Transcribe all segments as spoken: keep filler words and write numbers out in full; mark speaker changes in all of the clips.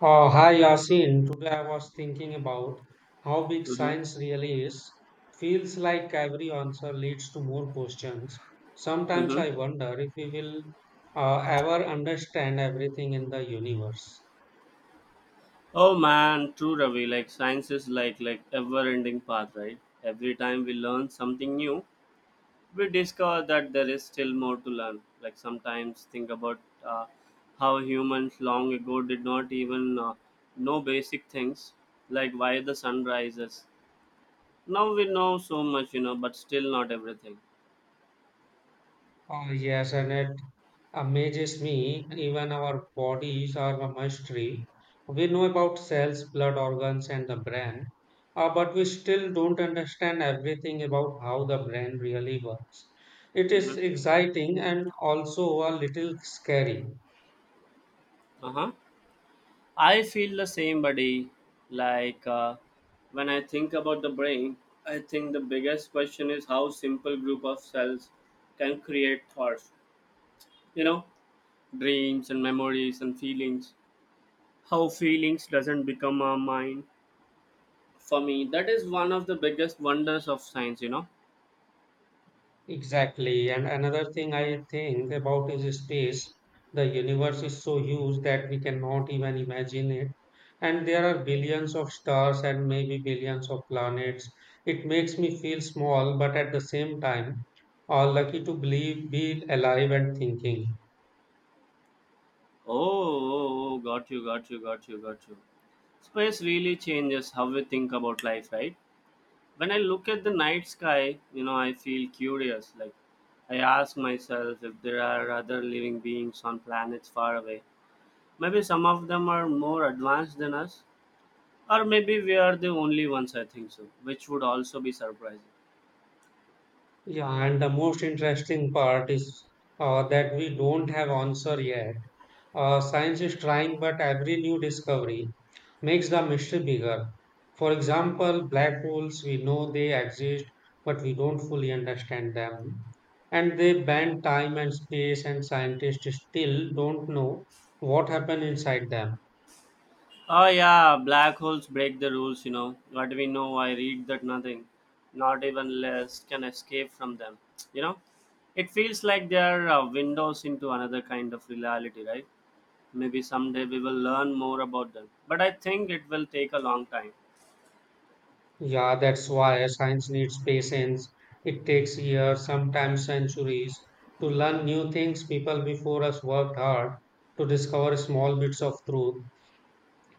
Speaker 1: Oh, hi Yasin. Today I was thinking about how big
Speaker 2: Mm-hmm.
Speaker 1: science really is. Feels like every answer leads to more questions. Sometimes
Speaker 2: Mm-hmm.
Speaker 1: I wonder if we will uh, ever understand everything in the universe.
Speaker 2: Oh man, true Ravi. Like science is like like ever-ending path, right? Every time we learn something new, we discover that there is still more to learn. Like sometimes think about uh, how humans long ago did not even uh, know basic things, like why the sun rises. Now we know so much, you know, but still not everything.
Speaker 1: Oh, yes, and it amazes me. Even our bodies are a mystery. We know about cells, blood organs, and the brain, uh, but we still don't understand everything about how the brain really works. It
Speaker 2: Mm-hmm.
Speaker 1: is exciting and also a little scary.
Speaker 2: Uh huh. I feel the same, buddy. Like uh, when I think about the brain, I think the biggest question is how simple group of cells can create thoughts. You know, Dreams and memories and feelings. How feelings doesn't become our mind. For me, that is one of the biggest wonders of science. You know.
Speaker 1: Exactly. And another thing I think about is space. The universe is so huge that we cannot even imagine it. And there are billions of stars and maybe billions of planets. It makes me feel small, but at the same time, all lucky to believe, be alive and thinking.
Speaker 2: Oh, oh, oh, got you, got you, got you, got you. Space really changes how we think about life, right? When I look at the night sky, you know, I feel curious. Like, I ask myself if there are other living beings on planets far away. Maybe some of them are more advanced than us, or maybe we are the only ones, I think so, which would also be surprising.
Speaker 1: Yeah, and the most interesting part is uh, that we don't have answer yet. Uh, science is trying, but every new discovery makes the mystery bigger. For example, black holes, we know they exist, but we don't fully understand them. And they bend time and space, and scientists still don't know what happened inside them.
Speaker 2: Oh, yeah, black holes break the rules, you know. What we know, I read that nothing, not even less, can escape from them, you know. It feels like they are uh, windows into another kind of reality, right? Maybe someday we will learn more about them. But I think it will take a long time.
Speaker 1: Yeah, that's why science needs patience. It takes years, sometimes centuries, to learn new things. People before us worked hard to discover small bits of truth,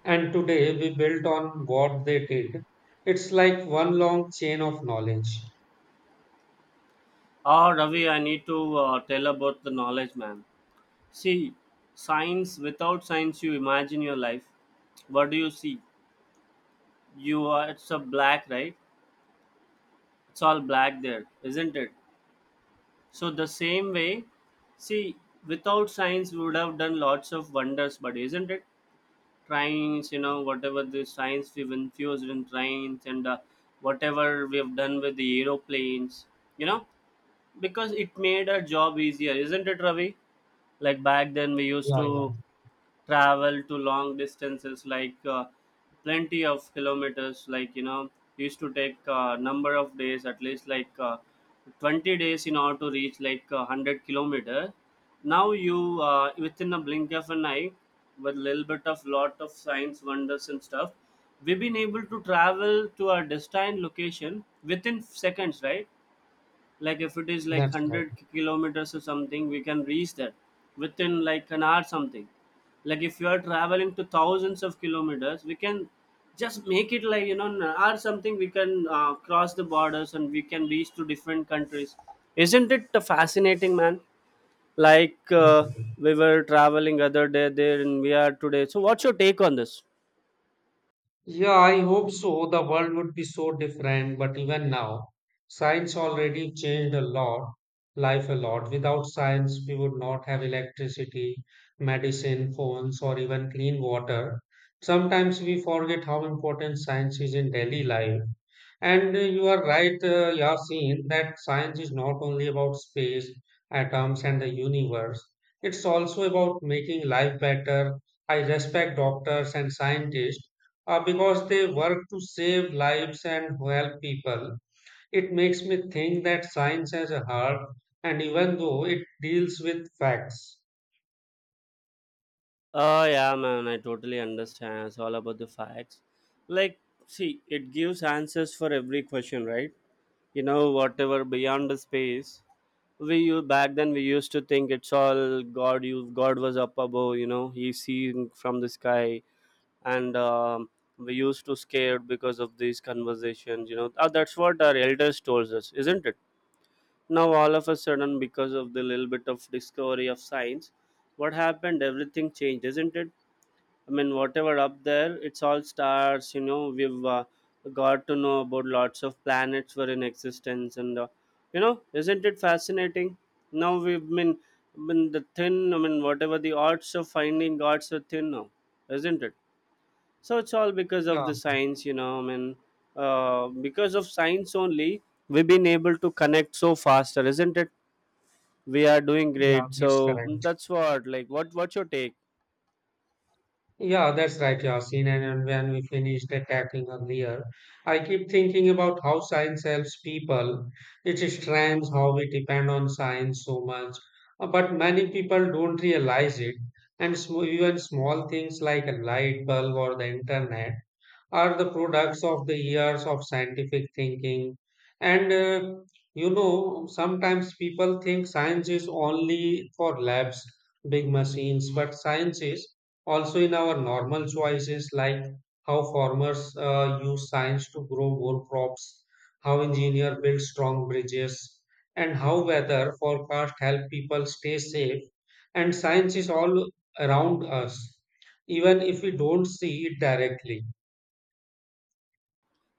Speaker 1: and today we built on what they did. It's like one long chain of knowledge.
Speaker 2: Oh, Ravi, I need to uh, tell about the knowledge, man. See, science, without science, you imagine your life. What do you see? You are, it's a black, right? It's all black there, isn't it? So, the same way, see, without science, we would have done lots of wonders, but isn't it? Trains, you know, whatever the science we've infused in trains and uh, whatever we've done with the aeroplanes, you know, because it made our job easier, isn't it, Ravi? Like back then, we used
Speaker 1: Yeah, yeah,
Speaker 2: to travel to long distances, like uh, plenty of kilometers, like you know used to take uh, number of days, at least like uh, twenty days in order to reach like uh, a hundred kilometer. Now you uh, within a blink of an eye with little bit of lot of science wonders and stuff, we've been able to travel to our destined location within seconds, right? Like if it is like
Speaker 1: that's right.
Speaker 2: one hundred kilometers or something, we can reach that within like an hour something. Like if you are traveling to thousands of kilometers, we can just make it like you know an hour something, we can uh, cross the borders and we can reach to different countries. Isn't it fascinating, man? Like
Speaker 1: Yeah.
Speaker 2: uh, we were traveling other day there and we are today, so what's your take on this?
Speaker 1: Yeah, I hope so. The world would be so different, but even now, science already changed a lot, life a lot. Without science, we would not have electricity, medicine, phones, or even clean water. Sometimes we forget how important science is in daily life. And uh, you are right, uh, Yasin, that science is not only about space, atoms, and the universe. It's also about making life better. I respect doctors and scientists uh, because they work to save lives and help people. It makes me think that science has a heart, and even though it deals with facts.
Speaker 2: Oh yeah, man, I totally understand. It's all about the facts. Like, see, it gives answers for every question, right? You know, whatever beyond the space. We u- back then we used to think it's all God. You God was up above. You know, He seen from the sky, and um, we used to scared because of these conversations. You know, Ah, that's what our elders told us, isn't it? Now all of a sudden, because of the little bit of discovery of science, what happened? Everything changed, isn't it? I mean, whatever up there, it's all stars. You know, we've uh, got to know about lots of planets were in existence, and uh, you know, isn't it fascinating? Now we've been, been the thin. I mean, whatever the odds of finding gods are thin now, isn't it? So it's all because of
Speaker 1: Yeah,
Speaker 2: the science. You know, I mean, uh, because of science only, we've been able to connect so faster, isn't it? We are doing
Speaker 1: yeah,
Speaker 2: great.
Speaker 1: that's
Speaker 2: So mm,
Speaker 1: correct.
Speaker 2: that's what. Like, what? What's your take?
Speaker 1: Yeah, that's right, Yasin. And and when we finished the tackling earlier, I keep thinking about how science helps people. It's strange how we depend on science so much. Uh, but many people don't realize it. And sm even small things like a light bulb or the internet are the products of the years of scientific thinking. And uh, you know, sometimes people think science is only for labs, big machines, but science is also in our normal choices, like how farmers uh, use science to grow more crops, how engineers build strong bridges, and how weather forecast help people stay safe. And science is all around us, even if we don't see it directly.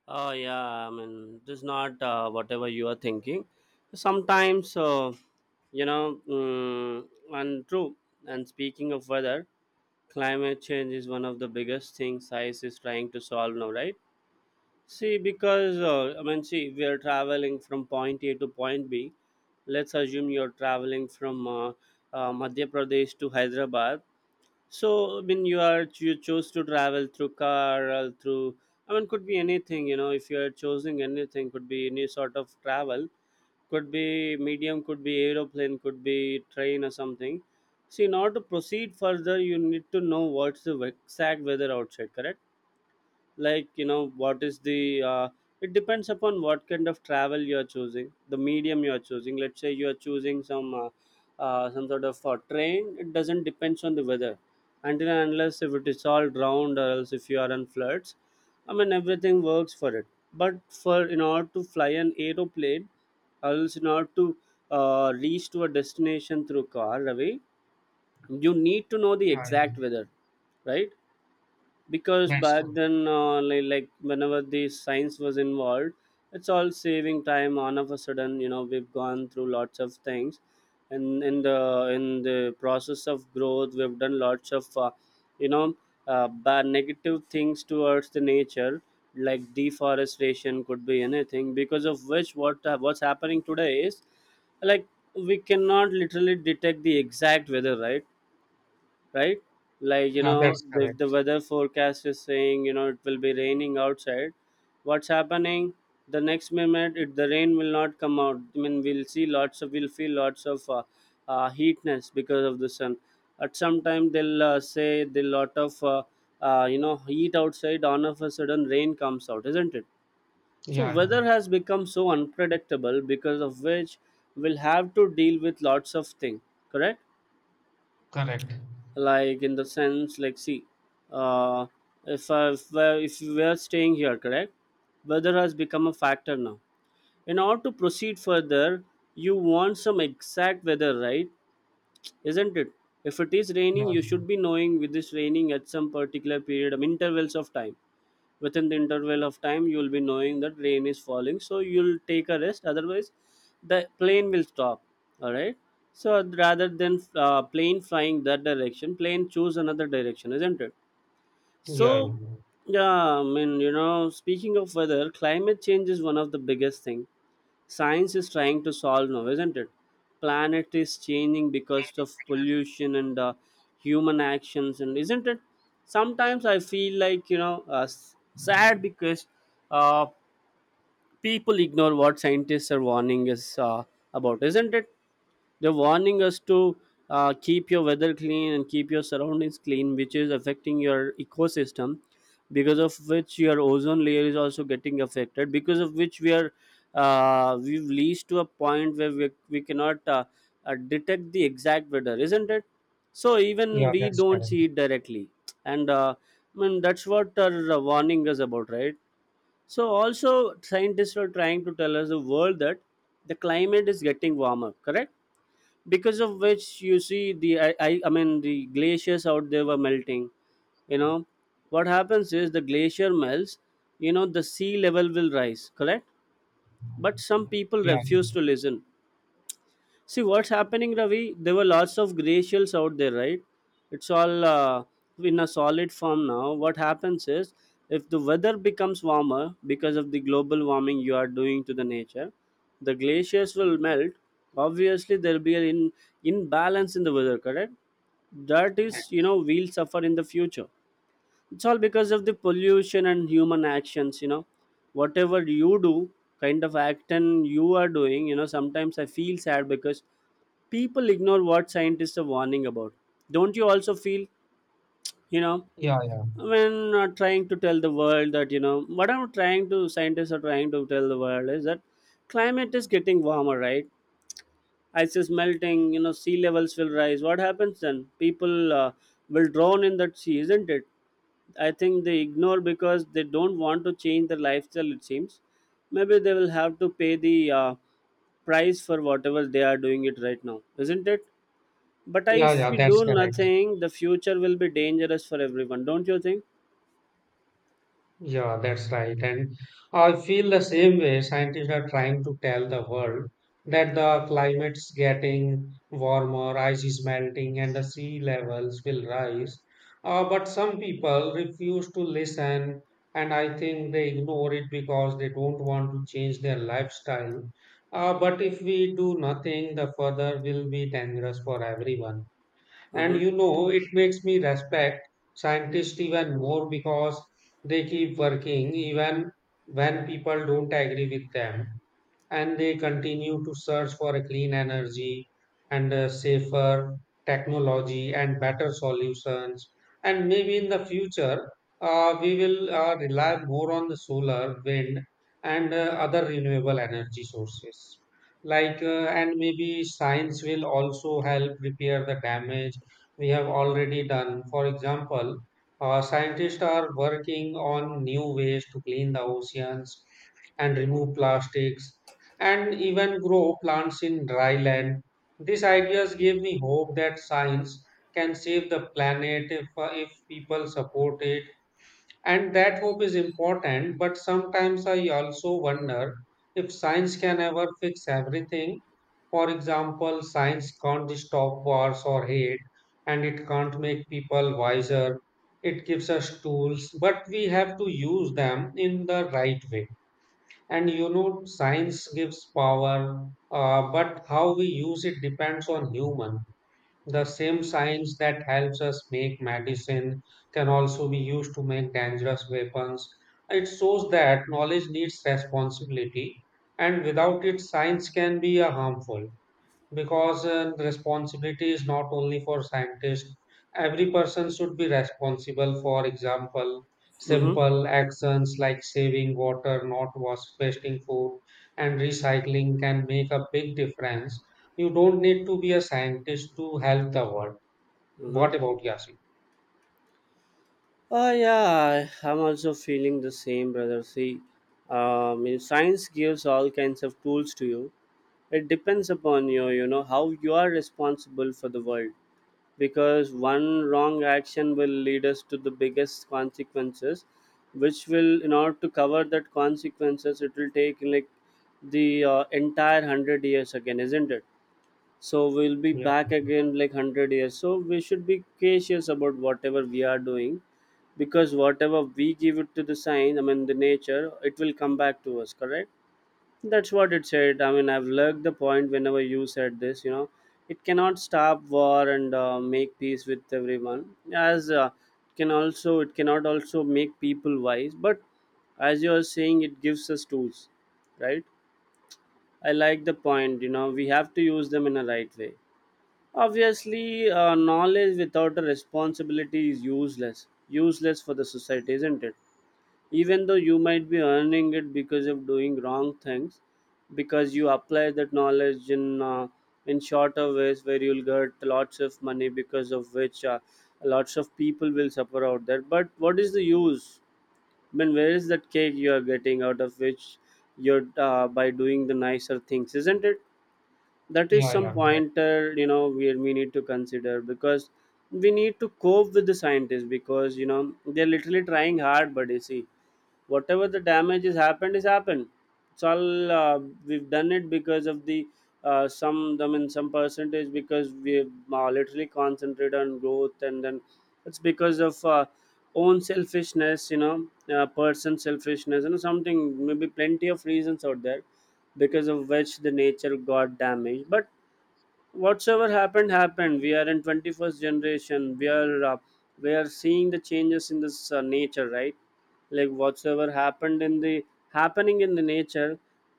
Speaker 2: Oh yeah, I mean, it is not uh, whatever you are thinking. Sometimes, uh, you know, mm, and true. And speaking of weather, climate change is one of the biggest things science is trying to solve now, right? See, because uh, I mean, see, we are traveling from point A to point B. Let's assume you're traveling from uh, uh, Madhya Pradesh to Hyderabad. So I mean, you are you chose to travel through car or through, I mean, could be anything, you know if you are choosing anything, could be any sort of travel, could be medium, could be aeroplane, could be train or something. So in order to proceed further you need to know what's the exact weather outside, correct? Like you know what is the uh, it depends upon what kind of travel you are choosing, the medium you are choosing. Let's say you are choosing some uh, uh, some sort of uh, train, it doesn't depends on the weather until and unless if it is all drowned or else if you are on floods. I mean everything works for it. But for in order to fly an aeroplane or else in order to uh, reach to a destination through car, Ravi, you need to know the
Speaker 1: Yeah, yeah.
Speaker 2: exact weather, right? Because
Speaker 1: That's
Speaker 2: back
Speaker 1: correct.
Speaker 2: then uh, li- like whenever the science was involved, it's all saving time. On of a sudden, you know we've gone through lots of things, and in the in the process of growth we've done lots of uh, you know uh, bad negative things towards the nature, like deforestation, could be anything. Because of which what uh, what's happening today is like we cannot literally detect the exact weather, right right Like you
Speaker 1: Yeah,
Speaker 2: know
Speaker 1: that's
Speaker 2: the, the
Speaker 1: correct.
Speaker 2: weather forecast is saying, you know it will be raining outside. What's happening? The next minute it, the rain will not come out. I mean, we'll see lots of we'll feel lots of uh, uh, heatness because of the sun. At some time they'll uh, say the lot of uh, uh, you know heat outside. On of a sudden rain comes out, isn't it?
Speaker 1: Yeah,
Speaker 2: So
Speaker 1: yeah.
Speaker 2: weather has become so unpredictable because of which we'll have to deal with lots of things, correct?
Speaker 1: Correct.
Speaker 2: Like in the sense, like see, uh, if I, if I- if we are staying here, correct, weather has become a factor now. In order to proceed further you want some exact weather, right? Isn't it? If it is
Speaker 1: Yeah,
Speaker 2: raining, you should be knowing with this raining at some particular period, I mean, intervals of time. Within the interval of time, you will be knowing that rain is falling, so you'll take a rest. Otherwise, the plane will stop. All right. So rather than uh, plane flying that direction, plane choose another direction, isn't it?
Speaker 1: yeah, yeah.
Speaker 2: So yeah, I mean, you know, speaking of weather, climate change is one of the biggest thing science is trying to solve now, isn't it? Planet is changing because of pollution and uh, human actions, and isn't it? Sometimes I feel like you know uh, s- sad because uh, people ignore what scientists are warning us uh, about, isn't it? They're warning us to uh, keep your weather clean and keep your surroundings clean, which is affecting your ecosystem, because of which your ozone layer is also getting affected, because of which we are uh, we've reached to a point where we, we cannot uh, uh, detect the exact weather, isn't it? So even
Speaker 1: Yeah,
Speaker 2: we
Speaker 1: that's
Speaker 2: don't
Speaker 1: correct.
Speaker 2: see it directly, and uh, I mean that's what our uh, warning is about, right? So also scientists are trying to tell us the world that the climate is getting warmer, correct? Because of which you see the I, I I mean the glaciers out there were melting. You know what happens is the glacier melts. You know the sea level will rise, correct? But some people
Speaker 1: Yeah,
Speaker 2: refuse to listen. See what's happening, Ravi. There were lots of gray shells out there, right? It's all uh, in a solid form now. What happens is, if the weather becomes warmer because of the global warming you are doing to the nature, the glaciers will melt. Obviously, there will be an in, imbalance in the weather, correct? That
Speaker 1: yeah,
Speaker 2: is, you know, we'll suffer in the future. It's all because of the pollution and human actions. You know whatever you do, kind of action you are doing, you know sometimes I feel sad because people ignore what scientists are warning about. Don't you also feel? you know
Speaker 1: yeah, yeah,
Speaker 2: when uh, trying to tell the world that you know what I'm trying to scientists are trying to tell the world is that climate is getting warmer, right? Ice is melting, you know sea levels will rise. What happens then? People uh, will drown in that sea, isn't it? I think they ignore because they don't want to change their lifestyle, it seems. Maybe they will have to pay the uh, price for whatever they are doing it right now, isn't it? But I-
Speaker 1: yeah,
Speaker 2: if
Speaker 1: yeah.
Speaker 2: we do
Speaker 1: That's correct.
Speaker 2: nothing, the future will be dangerous for everyone. Don't you think?
Speaker 1: Yeah, that's right. And I feel the same way scientists are trying to tell the world that the climate's getting warmer, ice is melting, and the sea levels will rise. Uh, but some people refuse to listen, and I think they ignore it because they don't want to change their lifestyle. Uh, but if we do nothing, the further will be dangerous for everyone. And
Speaker 2: Mm-hmm.
Speaker 1: you know, it makes me respect scientists even more because they keep working even when people don't agree with them, and they continue to search for a clean energy and a safer technology and better solutions. And maybe in the future, uh, we will uh, rely more on the solar, wind, and uh, other renewable energy sources. Like, uh, and maybe science will also help repair the damage we have already done. For example, uh, scientists are working on new ways to clean the oceans and remove plastics and even grow plants in dry land. These ideas give me hope that science can save the planet if, uh, if people support it. And that hope is important, but sometimes I also wonder if science can ever fix everything. For example, science can't stop wars or hate, and it can't make people wiser. It gives us tools, but we have to use them in the right way. And you know, science gives power, uh, but how we use it depends on human. The same science that helps us make medicine can also be used to make dangerous weapons. It shows that knowledge needs responsibility, and without it, science can be uh, harmful, because uh, responsibility is not only for scientists. Every person should be responsible. For example,
Speaker 2: Mm-hmm.
Speaker 1: simple actions like saving water, not was- wasting food, and recycling can make a big difference. You don't need to be a scientist to help the world.
Speaker 2: Mm-hmm.
Speaker 1: What about Yasin?
Speaker 2: Oh yeah, I- I'm also feeling the same, brother. See, um, in science gives all kinds of tools to you. It depends upon you, you know, how you are responsible for the world. Because one wrong action will lead us to the biggest consequences, which will, in order to cover that consequences, it will take like the uh, entire hundred years again, isn't it? So we'll be
Speaker 1: Yeah,
Speaker 2: back again like one hundred years, so we should be cautious about whatever we are doing, because whatever we give it to the sign, I mean the nature, it will come back to us, correct? That's what it said. I mean, I've learned the point whenever you said this, you know, it cannot stop war and uh, make peace with everyone, as uh, can also, it cannot also make people wise, but as you are saying, it gives us tools, right? I like the point, you know, we have to use them in a right way. Obviously, uh, knowledge without a responsibility is useless. Useless for the society, isn't it? Even though you might be earning it because of doing wrong things, because you apply that knowledge in uh, in shorter ways where you'll get lots of money, because of which uh, lots of people will suffer out there. But what is the use? I mean, where is that cake you are getting out of which you're uh, by doing the nicer things, isn't it? That is
Speaker 1: yeah,
Speaker 2: some
Speaker 1: yeah, correct,
Speaker 2: pointer, you know, where we need to consider, because we need to cope with the scientists, because you know they're literally trying hard, buddy. See, whatever the damage is happened is happened. It's all uh, we've done it because of the uh, some, I mean, some percentage, because we uh, literally concentrate on growth, and then it's because of uh, own selfishness, you know, uh, person selfishness, you know, something, maybe plenty of reasons out there because of which the nature got damaged. But whatsoever happened happened. We are in twenty-first generation. We are uh, we are seeing the changes in this uh, nature, right? Like whatsoever happened in the happening in the nature,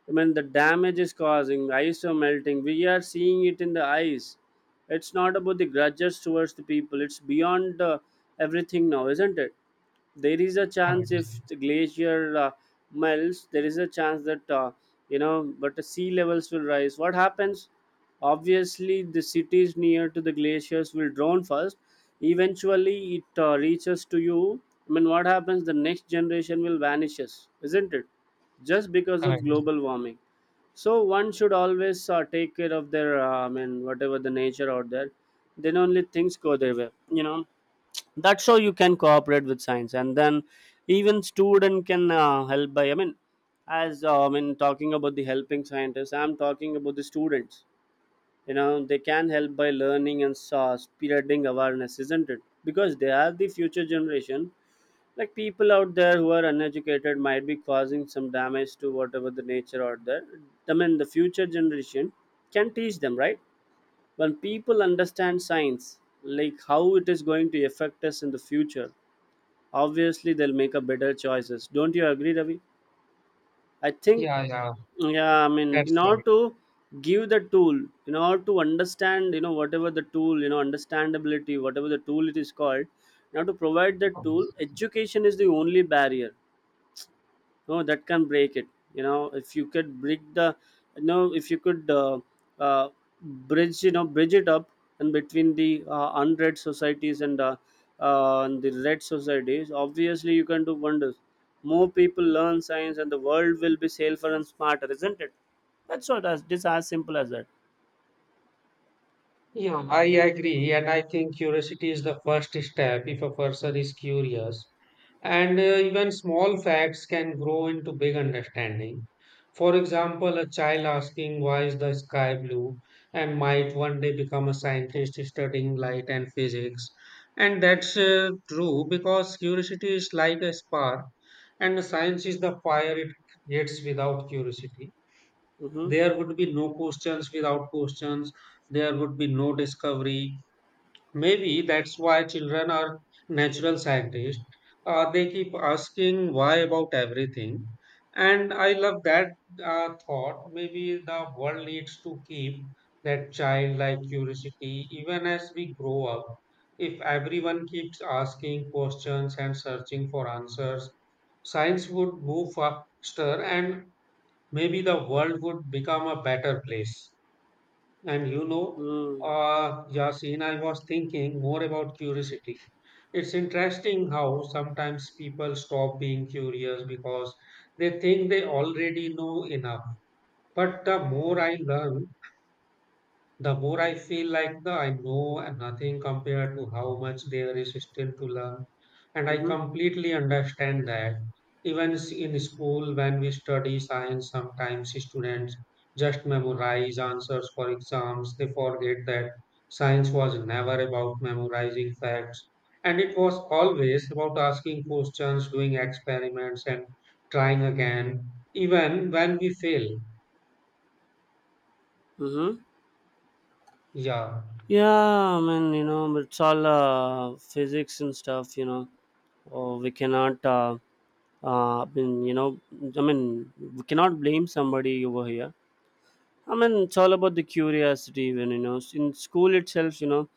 Speaker 2: I mean the damage is causing, ice are melting, we are seeing it in the ice. It's not about the grudges towards the people. It's beyond uh, everything now, isn't it? There is a chance
Speaker 1: correct,
Speaker 2: if the glacier uh, melts, there is a chance that uh, you know, but the sea levels will rise. What happens? Obviously, the cities near to the glaciers will drown first. Eventually, it uh, reaches to you. I mean, what happens? The next generation will vanishes, isn't it? Just because of
Speaker 1: correct.
Speaker 2: global warming. So one should always uh, take care of their, uh, I mean, whatever the nature out there. Then only things go their way. You know, that's how you can cooperate with science, and then even student can uh, help by. I mean, as uh, I mean, talking about the helping scientists, I'm talking about the students. You know, they can help by learning and uh, spreading awareness, isn't it? Because they are the future generation. Like people out there who are uneducated might be causing some damage to whatever the nature out there. I mean, the future generation can teach them, right? When people understand science, like how it is going to affect us in the future, obviously they'll make a better choices. Don't you agree, Ravi? I think.
Speaker 1: Yeah, yeah,
Speaker 2: Yeah, I mean, in
Speaker 1: that's
Speaker 2: order to give the tool, in order to understand, you know, whatever the tool, you know, understandability, whatever the tool it is called, now to provide the tool,
Speaker 1: right.
Speaker 2: education is the only barrier. No, that can break it. You know, if you could break the, you know, if you could uh, uh, bridge, you know, bridge it up, and between the uh, unread societies and, uh, uh, and the red societies, obviously you can do wonders. More people learn science and the world will be safer and smarter, isn't it? That's what, as this, as simple as that.
Speaker 1: Yeah, I agree. And I think curiosity is the first step if a person is curious. And uh, even small facts can grow into big understanding. For example, a child asking why is the sky blue and might one day become a scientist studying light and physics. And that's uh, true, because curiosity is like a spark and science is the fire it creates. Without curiosity
Speaker 2: mm-hmm.
Speaker 1: there would be no questions. Without questions there would be no discovery. Maybe that's why children are natural scientists. Uh, they keep asking why about everything, and I love that uh, thought. Maybe the world needs to keep that childlike curiosity even as we grow up. If everyone keeps asking questions and searching for answers, science would move faster, and maybe the world would become a better place. And you know,
Speaker 2: Mm-hmm.
Speaker 1: uh, Yasin, I was thinking more about curiosity. It's interesting how sometimes people stop being curious because they think they already know enough. But the more I learn, the more I feel like the I know and nothing compared to how much there is still to learn. And I
Speaker 2: Mm-hmm.
Speaker 1: completely understand that. Even s- in school, when we study science, sometimes students just memorize answers for exams. They forget that science was never about memorizing facts. And it was always about asking questions, doing experiments, and trying again, even when we fail.
Speaker 2: Mm-hmm.
Speaker 1: Yeah,
Speaker 2: Yeah, I mean, you know, but it's all uh, physics and stuff, you know. Oh, we cannot, uh, uh, I mean, you know, I mean, we cannot blame somebody over here. I mean, it's all about the curiosity, even, you know. In school itself, you know,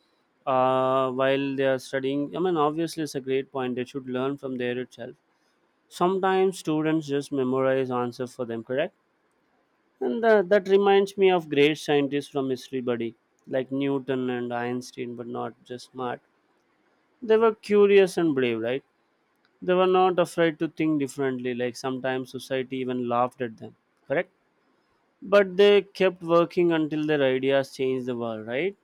Speaker 2: uh, while they are studying, I mean, obviously, it's a great point. They should learn from there itself. Sometimes students just memorize answers for them, correct? And that, that reminds me of great scientists from history, buddy, like Newton and Einstein, but not just smart. They were curious and brave, right? They were not afraid to think differently, like sometimes society even laughed at them, correct? But they kept working until their ideas changed the world, right?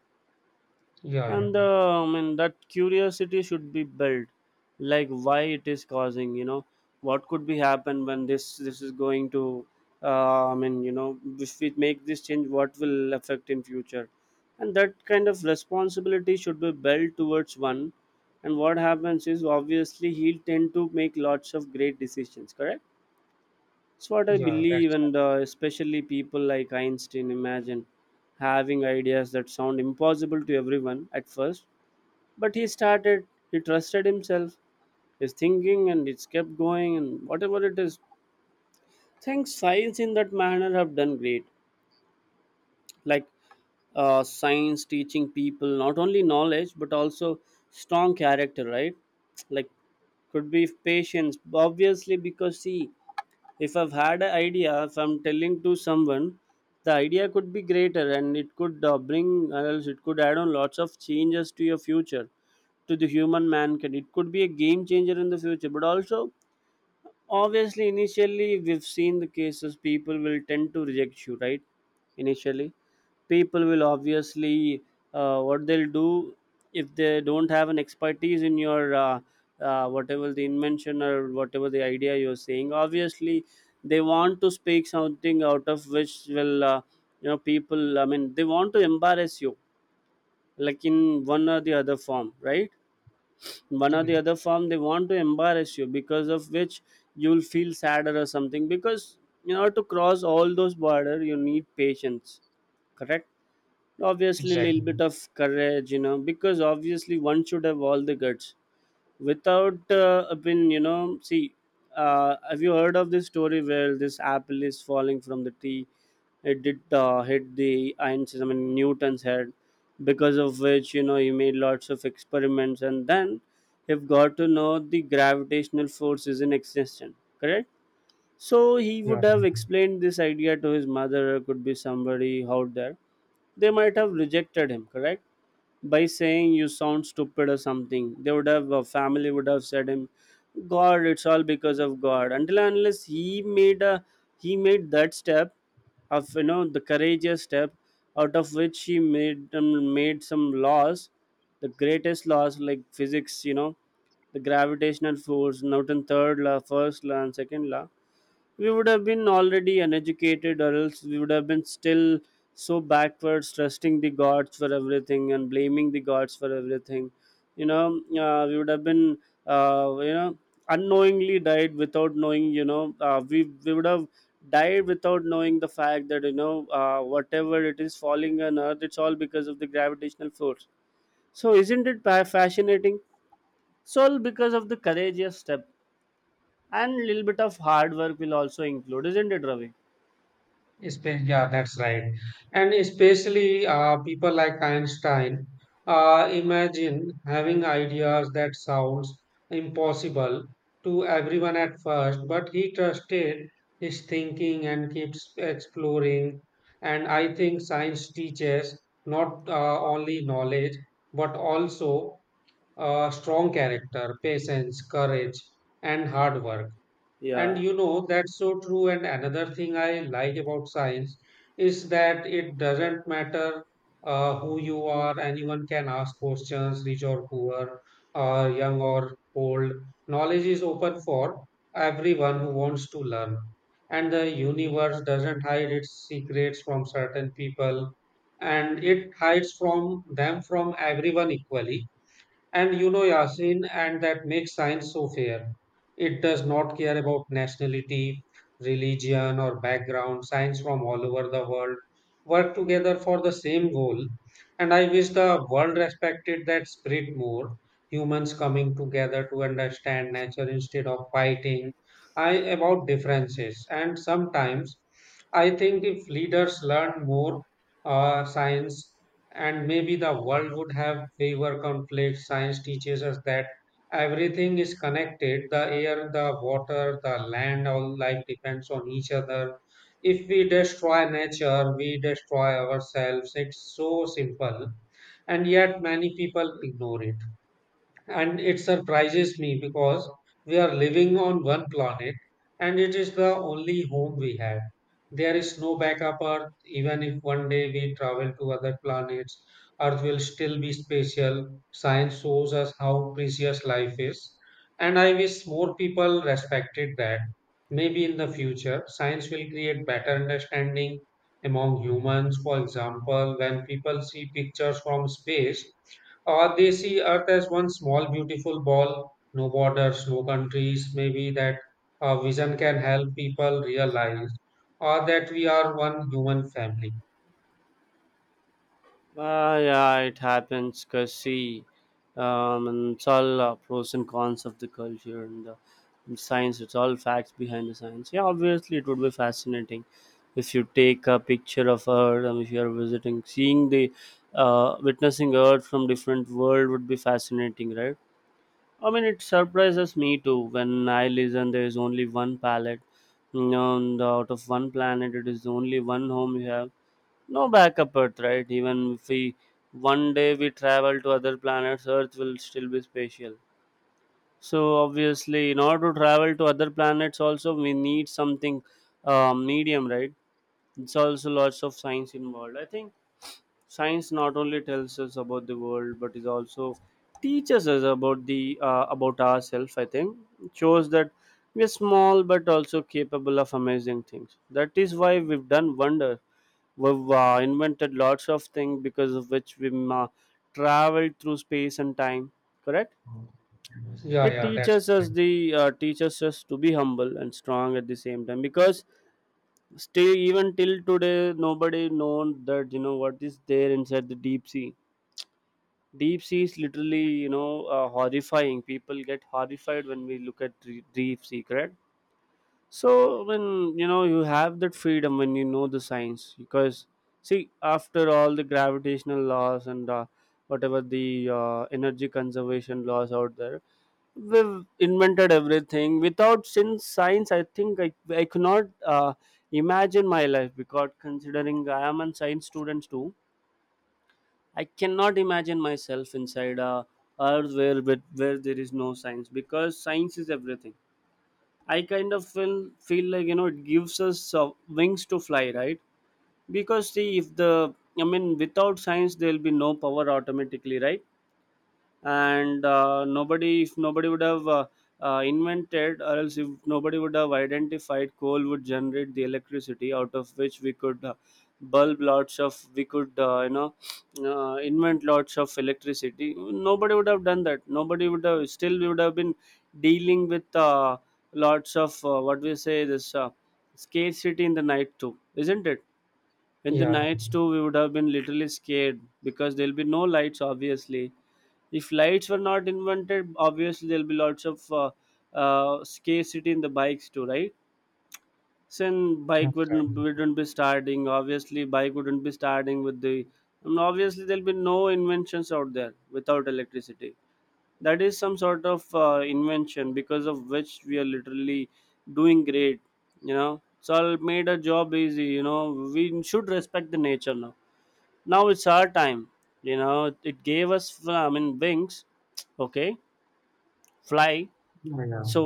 Speaker 1: yeah, yeah,
Speaker 2: And uh, I mean that curiosity should be built, like why it is causing, you know, what could be happen when this this is going to uh, I mean, you know, if we make this change, what will affect in future. And that kind of responsibility should be built towards one. And what happens is obviously he'll tend to make lots of great decisions, correct? It's what I
Speaker 1: yeah,
Speaker 2: believe.
Speaker 1: that's
Speaker 2: And uh, especially people like Einstein, imagine having ideas that sound impossible to everyone at first, but he started, he trusted himself, his thinking, and it's kept going. And whatever it is, things science in that manner have done great, like uh, science teaching people not only knowledge but also strong character, right? Like could be patience, obviously, because see, if I've had an idea, if I'm telling to someone, the idea could be greater and it could uh, bring, or else it could add on lots of changes to your future, to the human mankind. It could be a game changer in the future, but also obviously, initially, we've seen the cases, people will tend to reject you, right? Initially, people will obviously, uh, what they'll do, if they don't have an expertise in your uh, uh, whatever the invention or whatever the idea you're saying, obviously, they want to speak something out of which will, uh, you know, people, I mean, they want to embarrass you, like in one or the other form, right? One or the
Speaker 1: right.
Speaker 2: other form they want to embarrass you, because of which you'll feel sadder or something, because in order to cross all those border you need patience, correct? Obviously a little
Speaker 1: Exactly.
Speaker 2: bit of courage, you know, because obviously one should have all the guts without uh, a pin, you know. See, uh, have you heard of this story where this apple is falling from the tree? It did uh, hit the Einstein, I mean, Newton's head, because of which, you know, he made lots of experiments, and then have got to know the gravitational force is in existence, correct? So he
Speaker 1: Yeah.
Speaker 2: would have explained this idea to his mother or could be somebody out there, they might have rejected him, correct, by saying you sound stupid or something. They would have, a family would have said him, God, it's all because of God. Until and unless he made a, he made that step of, you know, the courageous step, out of which he made um, made some laws, the greatest laws like physics, you know, the gravitational force, Newton third law, first law, and second law. We would have been already uneducated, or else we would have been still so backwards, trusting the gods for everything and blaming the gods for everything, you know, uh, we would have been, uh, you know, unknowingly died without knowing, you know, uh, we we would have died without knowing the fact that, you know, uh, whatever it is falling on earth, it's all because of the gravitational force. So isn't it pa- fascinating? It's all because of the courageous step, and little bit of hard work will also include, isn't it, Ravi?
Speaker 1: Spa- Yeah, that's right. And especially uh, people like Einstein, uh, imagine having ideas that sounds impossible to everyone at first, but he trusted his thinking and keeps exploring. And I think science teaches not uh, only knowledge, but also uh, strong character, patience, courage, and hard work. And
Speaker 2: Yeah,
Speaker 1: you know, that's so true. And another thing I like about science is that it doesn't matter uh, who you are, anyone can ask questions, rich or poor, uh, young or old. Knowledge is open for everyone who wants to learn. And the universe doesn't hide its secrets from certain people, and it hides from them from everyone equally. And you know, Yasin, and that makes science so fair. It does not care about nationality, religion, or background. Science from all over the world work together for the same goal. And I wish the world respected that spirit more. Humans coming together to understand nature instead of fighting, I, about differences. And sometimes I think if leaders learn more uh, science, and maybe the world would have fewer conflicts. Science teaches us that everything is connected, the air, the water, the land, all life depends on each other. If we destroy nature, we destroy ourselves. It's so simple, and yet many people ignore it. And it surprises me because we are living on one planet, and it is the only home we have. There is no backup Earth. Even if one day we travel to other planets, Earth will still be special. Science shows us how precious life is. And I wish more people respected that. Maybe in the future, science will create better understanding among humans. For example, when people see pictures from space, or they see Earth as one small, beautiful ball, no borders, no countries. Maybe that uh, vision can help people realize, or that we are one human family.
Speaker 2: uh, yeah, it happens. Cause see, um, and it's all uh, pros and cons of the culture and the and science. It's all facts behind the science. Yeah, obviously, it would be fascinating if you take a picture of Earth, and if you are visiting, seeing the, uh, witnessing Earth from different world would be fascinating, right? I mean, it surprises me too when I listen. There is only one palette, you know, and out of one planet, it is only one home you have. No backup Earth, right? Even if we one day we travel to other planets, Earth will still be spatial. So obviously, in order to travel to other planets, also we need something uh, medium, right? It's also lots of science involved. I think science not only tells us about the world, but is also teaches us about the uh, about ourselves. I think it shows that we are small but also capable of amazing things. That is why we've done wonder we've uh, invented lots of things because of which we uh, traveled through space and time, correct.
Speaker 1: Yeah,
Speaker 2: It
Speaker 1: yeah, that's
Speaker 2: teaches
Speaker 1: right.
Speaker 2: us the uh, teaches us to be humble and strong at the same time, because still even till today nobody known that you know what is there inside the deep sea. Deep sea is literally, you know, uh, horrifying. People get horrified when we look at the deep sea, correct. So when you know you have that freedom, when you know the science, because see, after all the gravitational laws and uh, whatever the uh, energy conservation laws out there, we've invented everything. Without since science, I think I I could not uh, imagine my life, because considering I am a science student too, I cannot imagine myself inside a earth where where where there is no science, because science is everything. I kind of feel feel like, you know, it gives us uh, wings to fly, right? Because see, if the, I mean, without science, there'll be no power automatically, right? And uh, nobody, if nobody would have uh, uh, invented, or else if nobody would have identified coal would generate the electricity, out of which we could uh, bulb lots of, we could, uh, you know uh, invent lots of electricity, nobody would have done that, nobody would have, still we would have been dealing with uh, lots of uh, what we say this uh, scarcity in the night too, isn't it. In the
Speaker 1: Yeah,
Speaker 2: nights too we would have been literally scared because there'll be no lights, obviously. If lights were not invented, obviously there'll be lots of uh, uh, scarcity in the bikes too, right? Since
Speaker 1: yeah,
Speaker 2: bike
Speaker 1: that's
Speaker 2: wouldn't
Speaker 1: right.
Speaker 2: wouldn't be starting, obviously bike wouldn't be starting with the, and obviously there'll be no inventions out there without electricity. That is some sort of uh, invention because of which we are literally doing great. You know, it's all made a job easy, you know. We should respect the nature now, now it's our time. You know, it gave us, I mean, wings. Okay. Fly.
Speaker 1: Yeah, yeah.
Speaker 2: So,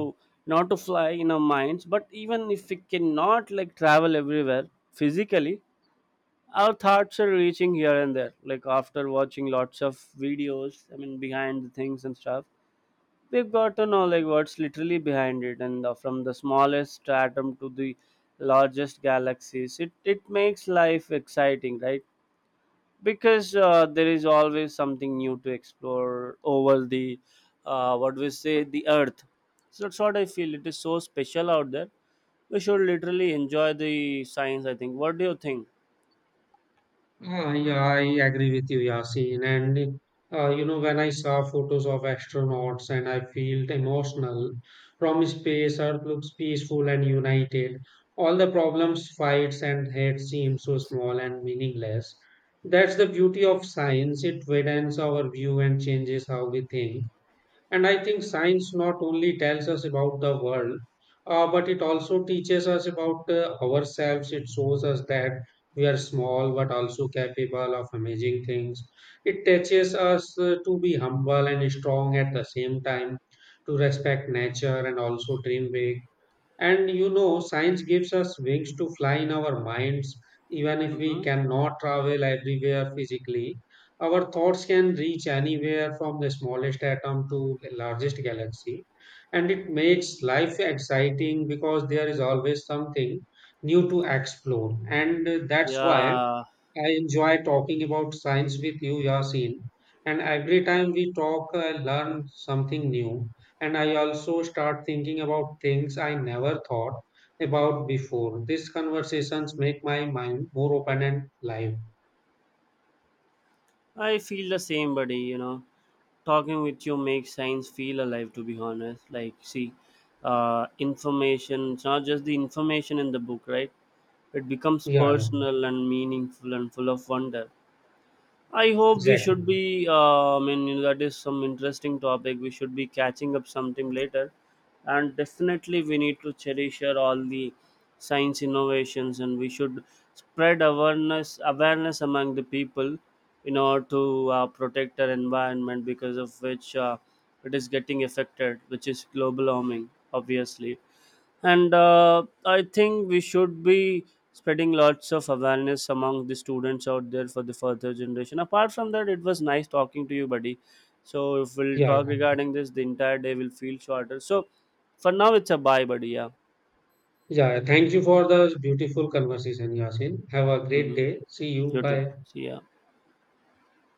Speaker 2: not to fly in our minds, but even if we cannot like travel everywhere physically, our thoughts are reaching here and there, like after watching lots of videos, I mean, behind the things and stuff, we've got to know like what's literally behind it. And uh, from the smallest atom to the largest galaxies, it it makes life exciting, right? Because uh, there is always something new to explore over the uh, what we say, the earth. So that's what I feel, it is so special out there. We should literally enjoy the science. I think, what do you think?
Speaker 1: Ah, yeah, I agree with you, Yasin. And uh, you know, when I saw photos of astronauts and I felt emotional. From space, Earth looks peaceful and united. All the problems, fights, and hate seem so small and meaningless. That's the beauty of science. It widens our view and changes how we think. And I think science not only tells us about the world, uh, but it also teaches us about uh, ourselves. It shows us that we are small but also capable of amazing things. It teaches us uh, to be humble and strong at the same time, to respect nature and also dream big. And you know, science gives us wings to fly in our minds. Even if we
Speaker 2: Mm-hmm.
Speaker 1: cannot travel everywhere physically, our thoughts can reach anywhere from the smallest atom to the largest galaxy. And it makes life exciting because there is always something new to explore. And that's why
Speaker 2: Yeah,
Speaker 1: I enjoy talking about science with you, Yasin. And every time we talk, I learn something new. And I also start thinking about things I never thought about before. These conversations make my mind more open and live.
Speaker 2: I feel the same, buddy. You know, talking with you makes science feel alive, to be honest. Like see, uh, information, it's not just the information in the book, right? It becomes
Speaker 1: Yeah, yeah,
Speaker 2: personal and meaningful and full of wonder. I hope we
Speaker 1: exactly.
Speaker 2: should be. Uh, I mean, you know, that is some interesting topic. We should be catching up sometime later, and definitely we need to cherish our all the science innovations, and we should spread awareness awareness among the people in order to uh, protect our environment, because of which uh, it is getting affected, which is global warming, obviously. And uh, I think we should be spreading lots of awareness among the students out there for the further generation. Apart from that, it was nice talking to you, buddy. So if we'll
Speaker 1: Yeah,
Speaker 2: talk
Speaker 1: yeah.
Speaker 2: regarding this, the entire day will feel shorter. So for now, it's a bye, buddy. Yeah.
Speaker 1: Yeah, yeah. Thank you for the beautiful conversation, Yasin. Have a great
Speaker 2: Mm-hmm.
Speaker 1: day. See you.
Speaker 2: You too.
Speaker 1: Bye.
Speaker 2: See ya.